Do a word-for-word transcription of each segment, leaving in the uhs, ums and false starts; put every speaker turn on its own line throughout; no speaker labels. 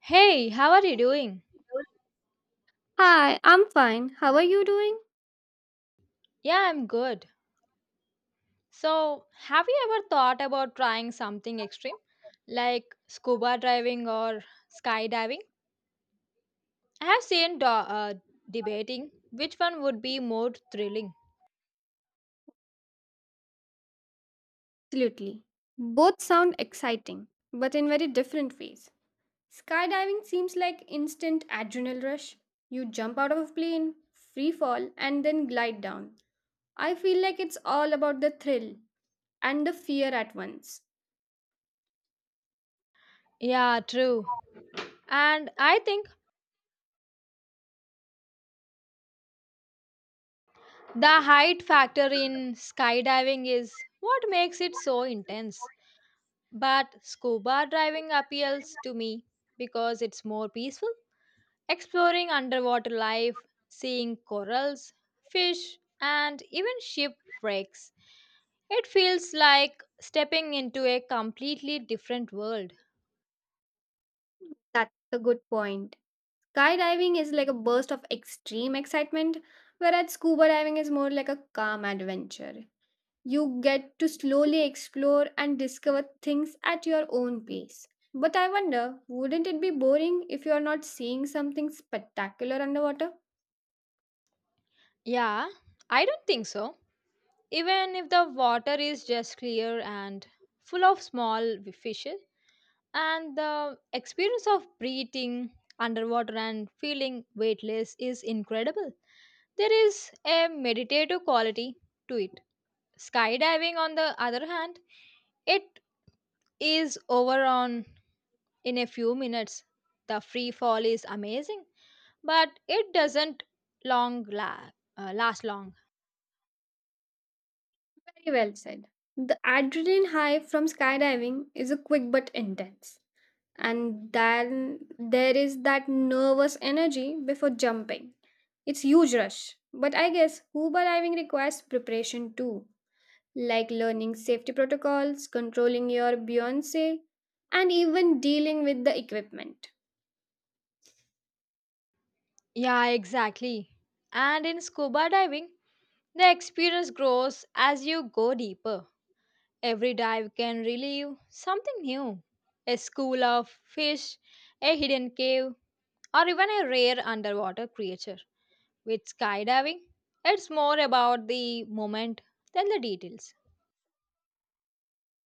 Hey, how are you doing?
Hi, I'm fine. How are you doing?
Yeah, I'm good. So, have you ever thought about trying something extreme like scuba diving or skydiving? I have seen do- uh, debating which one would be more thrilling.
Absolutely. Both sound exciting, but in very different ways. Skydiving seems like instant adrenal rush. You jump out of a plane, free fall, and then glide down. I feel like it's all about the thrill and the fear at once.
Yeah, true. And I think the height factor in skydiving is what makes it so intense. But scuba diving appeals to me because it's more peaceful. Exploring underwater life, seeing corals, fish, and even shipwrecks. It feels like stepping into a completely different world.
That's a good point. Skydiving is like a burst of extreme excitement, whereas scuba diving is more like a calm adventure. You get to slowly explore and discover things at your own pace. But I wonder, wouldn't it be boring if you are not seeing something spectacular underwater?
Yeah, I don't think so. Even if the water is just clear and full of small fishes, and the experience of breathing underwater and feeling weightless is incredible. There is a meditative quality to it. Skydiving, on the other hand, it is over on in a few minutes. The free fall is amazing, but it doesn't long la- uh, last long.
Very well said. The adrenaline high from skydiving is a quick but intense. And then there is that nervous energy before jumping. It's huge rush. But I guess scuba diving requires preparation too, like learning safety protocols, controlling your buoyancy, and even dealing with the equipment.
Yeah, exactly. And in scuba diving, the experience grows as you go deeper. Every dive can relieve something new, a school of fish, a hidden cave, or even a rare underwater creature. With skydiving, it's more about the moment than the details.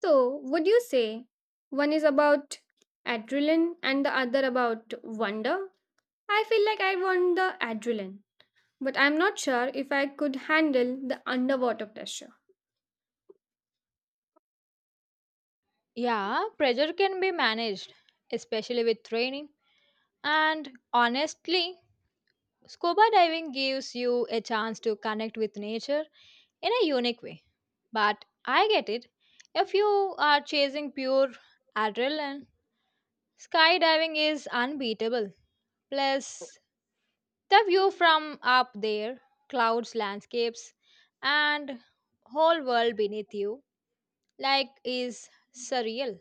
So, would you say one is about adrenaline and the other about wonder? I feel like I want the adrenaline, but I'm not sure if I could handle the underwater pressure.
Yeah, pressure can be managed, especially with training. And honestly, scuba diving gives you a chance to connect with nature in a unique way. But I get it. If you are chasing pure adrenaline, skydiving is unbeatable. Plus, the view from up there, clouds, landscapes, and whole world beneath you, like, is surreal.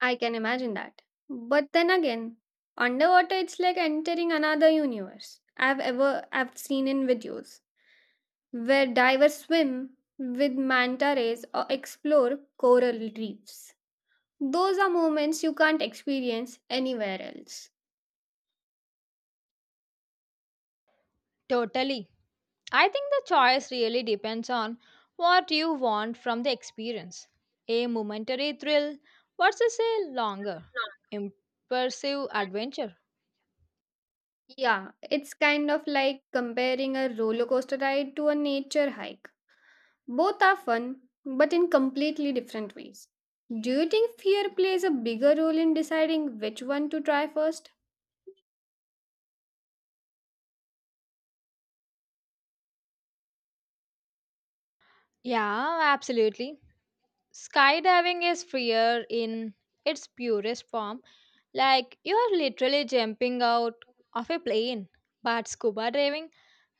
I can imagine that. But then again, underwater it's like entering another universe. I've ever I've seen in videos, where divers swim with manta rays or explore coral reefs. Those are moments you can't experience anywhere else.
Totally. I think the choice really depends on what you want from the experience, a momentary thrill versus a longer, immersive adventure.
Yeah, it's kind of like comparing a roller coaster ride to a nature hike. Both are fun, but in completely different ways. Do you think fear plays a bigger role in deciding which one to try first?
Yeah, absolutely. Skydiving is freer in its purest form, like you are literally jumping out of a plane. But scuba diving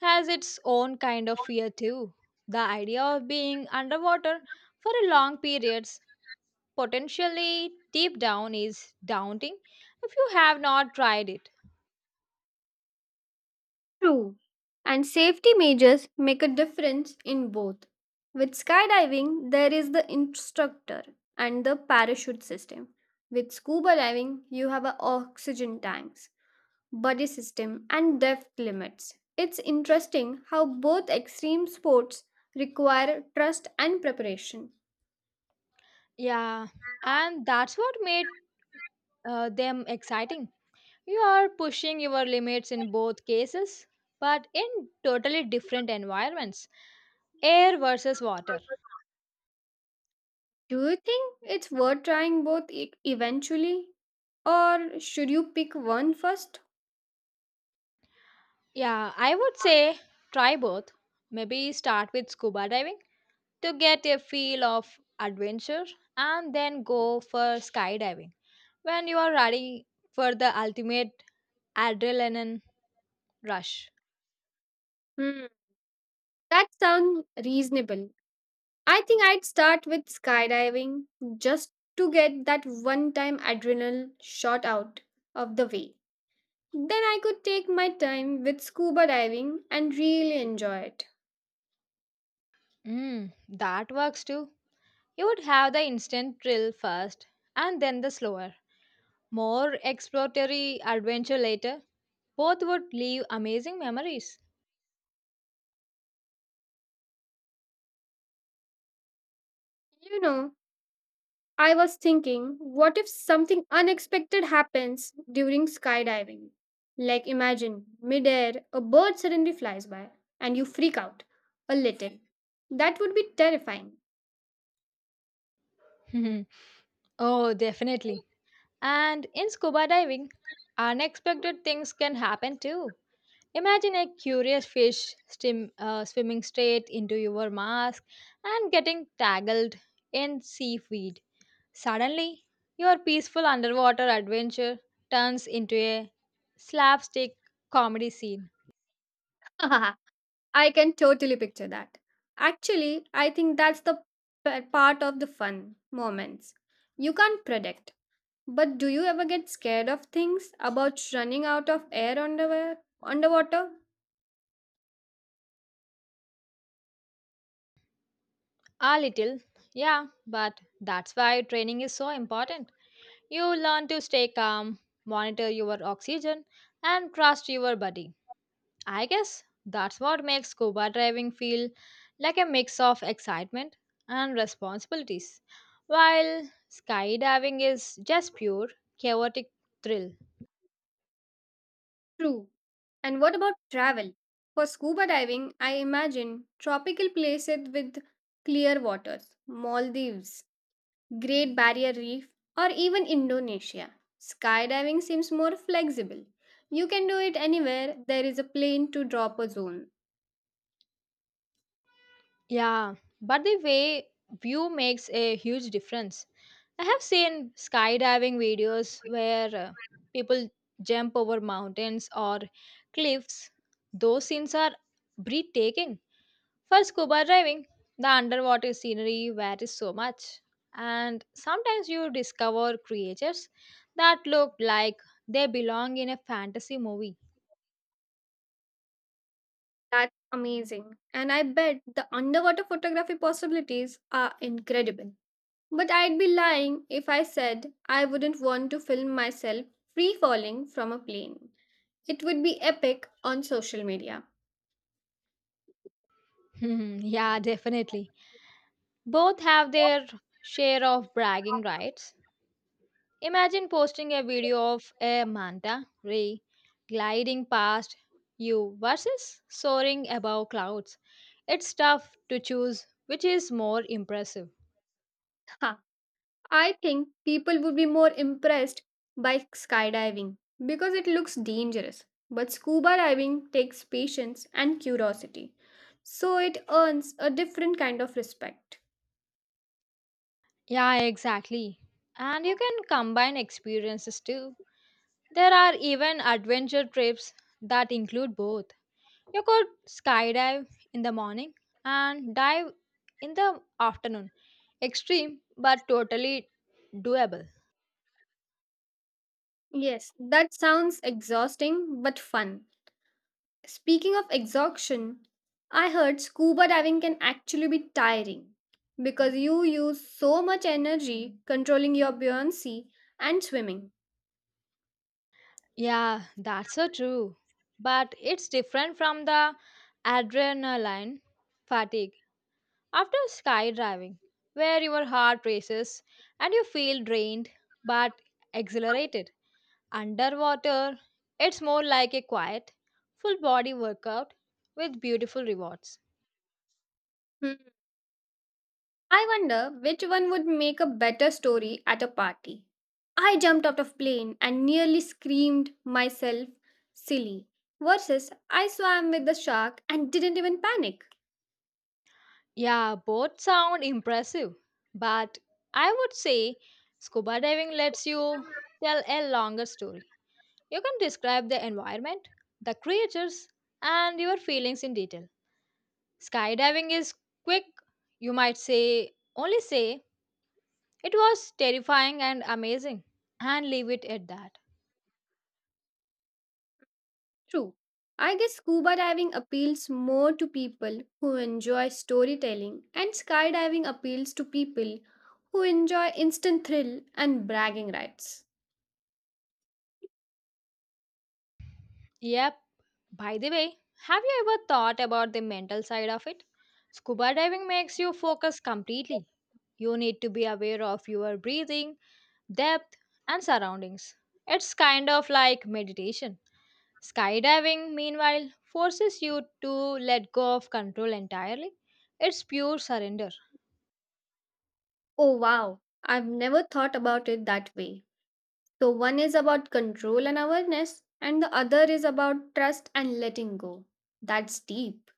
has its own kind of
Small
fear
kind of
too. The idea of being
field. You
underwater
have been
for a long period, potentially deep down, is daunting if you have not tried it.
underwater. True. And safety measures make a difference in both. With skydiving, there is the instructor and the parachute system. With scuba diving, you have a oxygen tanks, buddy system, and depth limits. It's interesting how both extreme sports require trust and preparation.
Yeah, and that's what made uh, them exciting. You are pushing your limits in both cases, but in totally different environments, air versus water.
Do you think it's worth trying both e- eventually? Or should you pick one first?
Yeah, I would say try both. Maybe start with scuba diving to get a feel of adventure, and then go for skydiving when you are ready for the ultimate adrenaline rush.
Hmm, that sounds reasonable. I think I'd start with skydiving just to get that one time adrenal shot out of the way. Then I could take my time with scuba diving and really enjoy it.
Mm, that works too. You would have the instant thrill first, and then the slower, more exploratory adventure later. Both would leave amazing memories.
You know, I was thinking, what if something unexpected happens during skydiving? Like imagine, midair, a bird suddenly flies by and you freak out a little. That would be terrifying.
Oh, definitely. And in scuba diving, unexpected things can happen too. Imagine a curious fish stim, uh, swimming straight into your mask and getting tangled in seaweed. Suddenly, your peaceful underwater adventure turns into a slapstick comedy scene.
I can totally picture that. Actually, I think that's the p- part of the fun moments. You can't predict. But do you ever get scared of things about running out of air underwear underwater?
A little, yeah, but that's why training is so important. You learn to stay calm, monitor your oxygen, and trust your body. I guess that's what makes scuba diving feel like a mix of excitement and responsibilities, while skydiving is just pure chaotic thrill.
True. And what about travel? For scuba diving, I imagine tropical places with clear waters, Maldives, Great Barrier Reef, or even Indonesia. Skydiving seems more flexible. You can do it anywhere there is a plane to drop a zone.
Yeah, but the way view makes a huge difference. I have seen skydiving videos where uh, people jump over mountains or cliffs. Those scenes are breathtaking. For scuba diving, the underwater scenery varies so much, and sometimes you discover creatures that look like they belong in a fantasy movie.
That's amazing. And I bet the underwater photography possibilities are incredible. But I'd be lying if I said I wouldn't want to film myself free falling from a plane. It would be epic on social media.
Yeah, definitely. Both have their share of bragging rights. Imagine posting a video of a manta ray gliding past you versus soaring above clouds. It's tough to choose which is more impressive.
I think people would be more impressed by skydiving because it looks dangerous. But scuba diving takes patience and curiosity, so it earns a different kind of respect.
Yeah, exactly. And you can combine experiences too. There are even adventure trips that include both. You could skydive in the morning and dive in the afternoon. Extreme but totally doable.
Yes, that sounds exhausting but fun. Speaking of exhaustion, I heard scuba diving can actually be tiring because you use so much energy controlling your buoyancy and swimming.
Yeah, that's so true. But it's different from the adrenaline fatigue after skydiving, where your heart races and you feel drained but exhilarated. Underwater, it's more like a quiet, full body workout with beautiful rewards.
Hmm. I wonder which one would make a better story at a party. I jumped out of plane and nearly screamed myself silly versus I swam with the shark and didn't even panic.
Yeah, both sound impressive, but I would say scuba diving lets you tell a longer story. You can describe the environment, the creatures, and your feelings in detail. Skydiving is quick, you might say, only say, it was terrifying and amazing, and leave it at that.
True. I guess scuba diving appeals more to people who enjoy storytelling and skydiving appeals to people who enjoy instant thrill and bragging rights.
Yep, by the way, have you ever thought about the mental side of it? Scuba diving makes you focus completely. You need to be aware of your breathing, depth, and surroundings. It's kind of like meditation. Skydiving, meanwhile, forces you to let go of control entirely. It's pure surrender.
Oh wow, I've never thought about it that way. So, one is about control and awareness, and the other is about trust and letting go. That's deep.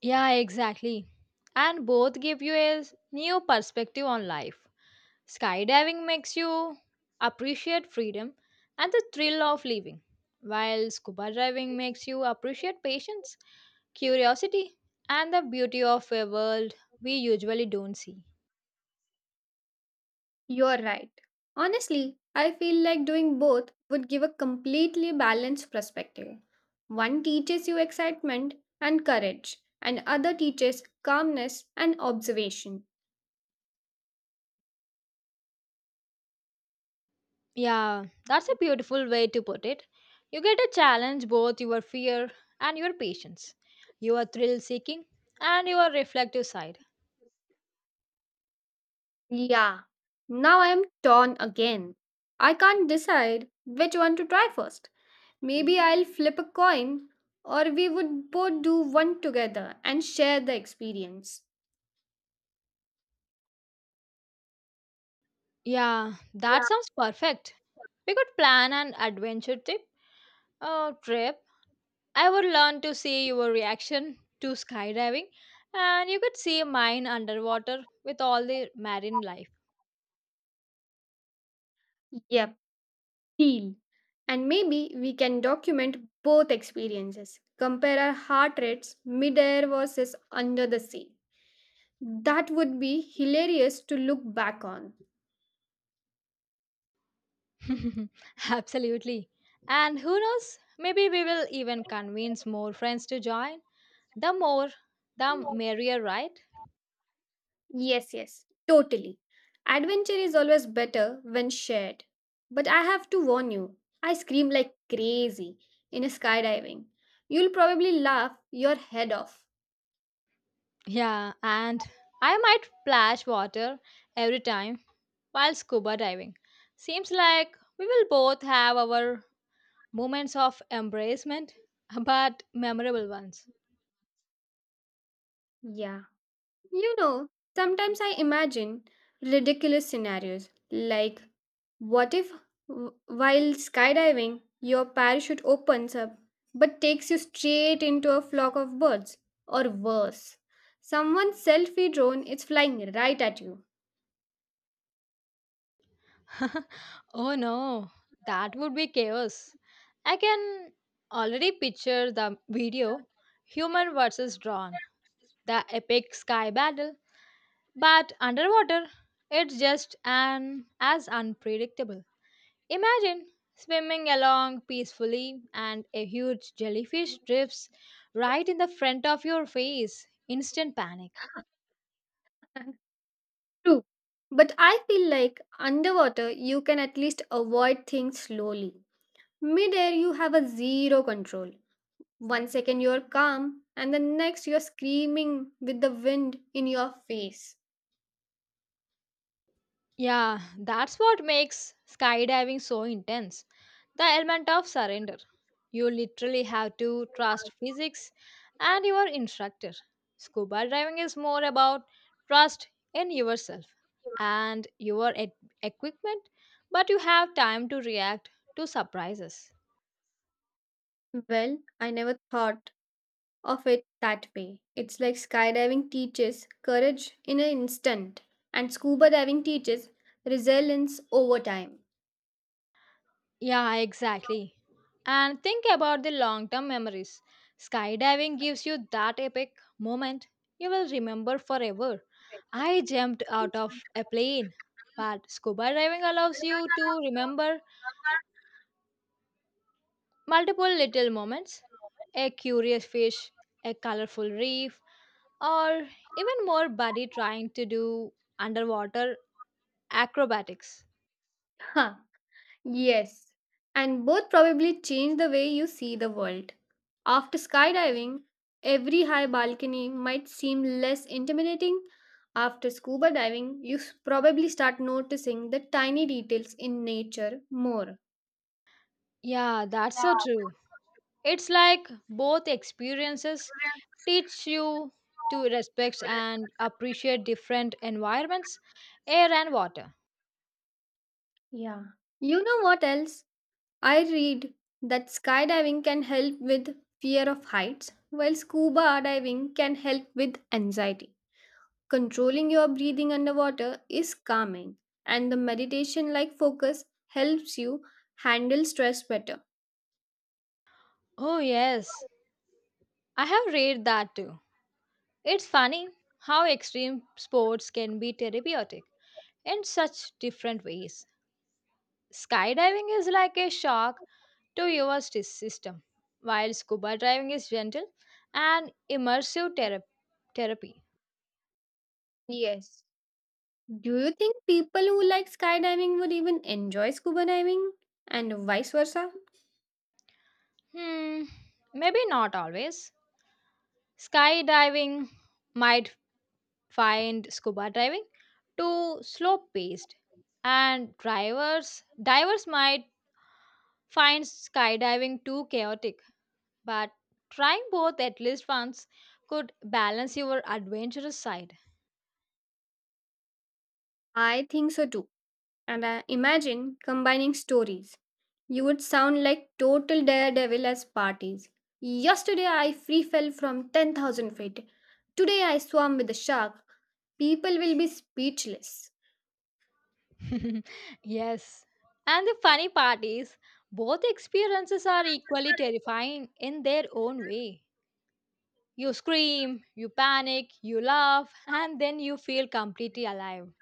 Yeah, exactly. And both give you a new perspective on life. Skydiving makes you appreciate freedom and the thrill of living, while scuba diving makes you appreciate patience, curiosity, and the beauty of a world we usually don't see.
You're right. Honestly, I feel like doing both would give a completely balanced perspective. One teaches you excitement and courage, and other teaches calmness and observation.
Yeah, that's a beautiful way to put it. You get to challenge both your fear and your patience, your thrill seeking and your reflective side.
Yeah, now I am torn again. I can't decide which one to try first. Maybe I'll flip a coin, or we would both do one together and share the experience.
Yeah, that
Yeah.
sounds perfect. We could plan an adventure trip. Oh, trip. I would learn to see your reaction to skydiving, and you could see mine underwater with all the marine life.
Yep, deal. And maybe we can document both experiences. Compare our heart rates midair versus under the sea. That would be hilarious to look back on.
Absolutely. And who knows? Maybe we will even convince more friends to join. The more, the merrier, right?
Yes, yes, totally. Adventure is always better when shared. But I have to warn you, I scream like crazy in a skydiving. You'll probably laugh your head off.
Yeah, and I might splash water every time while scuba diving. Seems like we will both have our moments of embracement, but memorable ones.
Yeah. You know, sometimes I imagine ridiculous scenarios like what if w- while skydiving your parachute opens up but takes you straight into a flock of birds or worse. Someone's selfie drone is flying right at you.
Oh no, that would be chaos. I can already picture the video, human versus drone, the epic sky battle, but underwater, it's just an as unpredictable. Imagine swimming along peacefully and a huge jellyfish drifts right in the front of your face. Instant panic.
True. But I feel like underwater you can at least avoid things slowly. Midair you have a zero control. One second you're calm and the next you're screaming with the wind in your face.
Yeah, that's what makes skydiving so intense. The element of surrender. You literally have to trust physics and your instructor. Scuba diving is more about trust in yourself and your e- equipment, but you have time to react to surprises.
Well, I never thought of it that way. It's like skydiving teaches courage in an instant, and scuba diving teaches resilience over time.
Yeah, exactly. And think about the long term memories. Skydiving gives you that epic moment you will remember forever. I jumped out of a plane, but scuba diving allows you to remember multiple little moments, a curious fish, a colorful reef, or even more buddy trying to do underwater acrobatics.
Huh, yes. And both probably change the way you see the world. After skydiving, every high balcony might seem less intimidating. After scuba diving, you s- probably start noticing the tiny details in nature more.
Yeah, that's so true. It's like both experiences teach you to respect and appreciate different environments, air and water.
Yeah. You know what else? I read that skydiving can help with fear of heights, while scuba diving can help with anxiety. Controlling your breathing underwater is calming, and the meditation like focus helps you handle stress better.
Oh, yes, I have read that too. It's funny how extreme sports can be therapeutic in such different ways. Skydiving is like a shock to your s- system, while scuba diving is gentle and immersive therap- therapy.
Yes. Do you think people who like skydiving would even enjoy scuba diving and vice versa?
Hmm, maybe not always. Skydiving might find scuba diving too slow paced, and drivers divers might find skydiving too chaotic, but trying both at least once could balance your adventurous side.
I think so too. And uh, imagine combining stories. You would sound like total daredevil as parties. Yesterday I free fell from ten thousand feet. Today I swam with a shark. People will be speechless.
Yes, and the funny part is both experiences are equally terrifying in their own way. You scream, you panic, you laugh, and then you feel completely alive.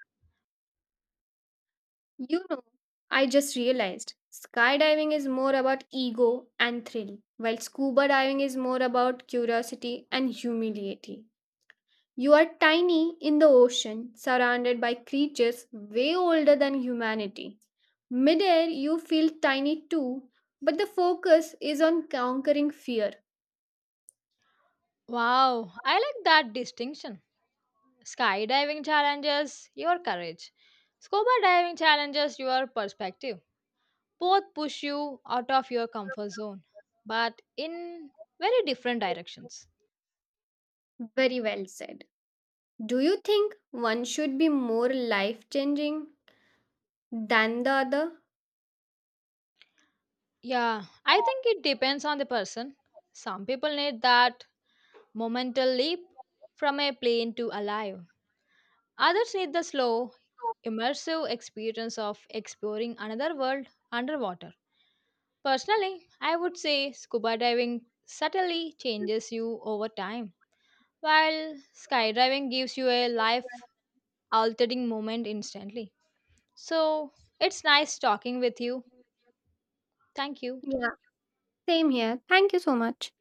You know, I just realized skydiving is more about ego and thrill, while scuba diving is more about curiosity and humility. You are tiny in the ocean, surrounded by creatures way older than humanity. Midair, you feel tiny too, but the focus is on conquering fear.
Wow, I like that distinction. Skydiving challenges your courage. Scuba diving challenges your perspective. Both push you out of your comfort zone, but in very different directions.
Very well said. Do you think one should be more life changing than the other?
Yeah, I think it depends on the person. Some people need that momental leap from a plane to alive. Others need the slow, immersive experience of exploring another world underwater. Personally, I would say scuba diving subtly changes you over time, while skydiving gives you a life altering moment instantly. So it's nice talking with you. Thank you.
Yeah, same here. Thank you so much.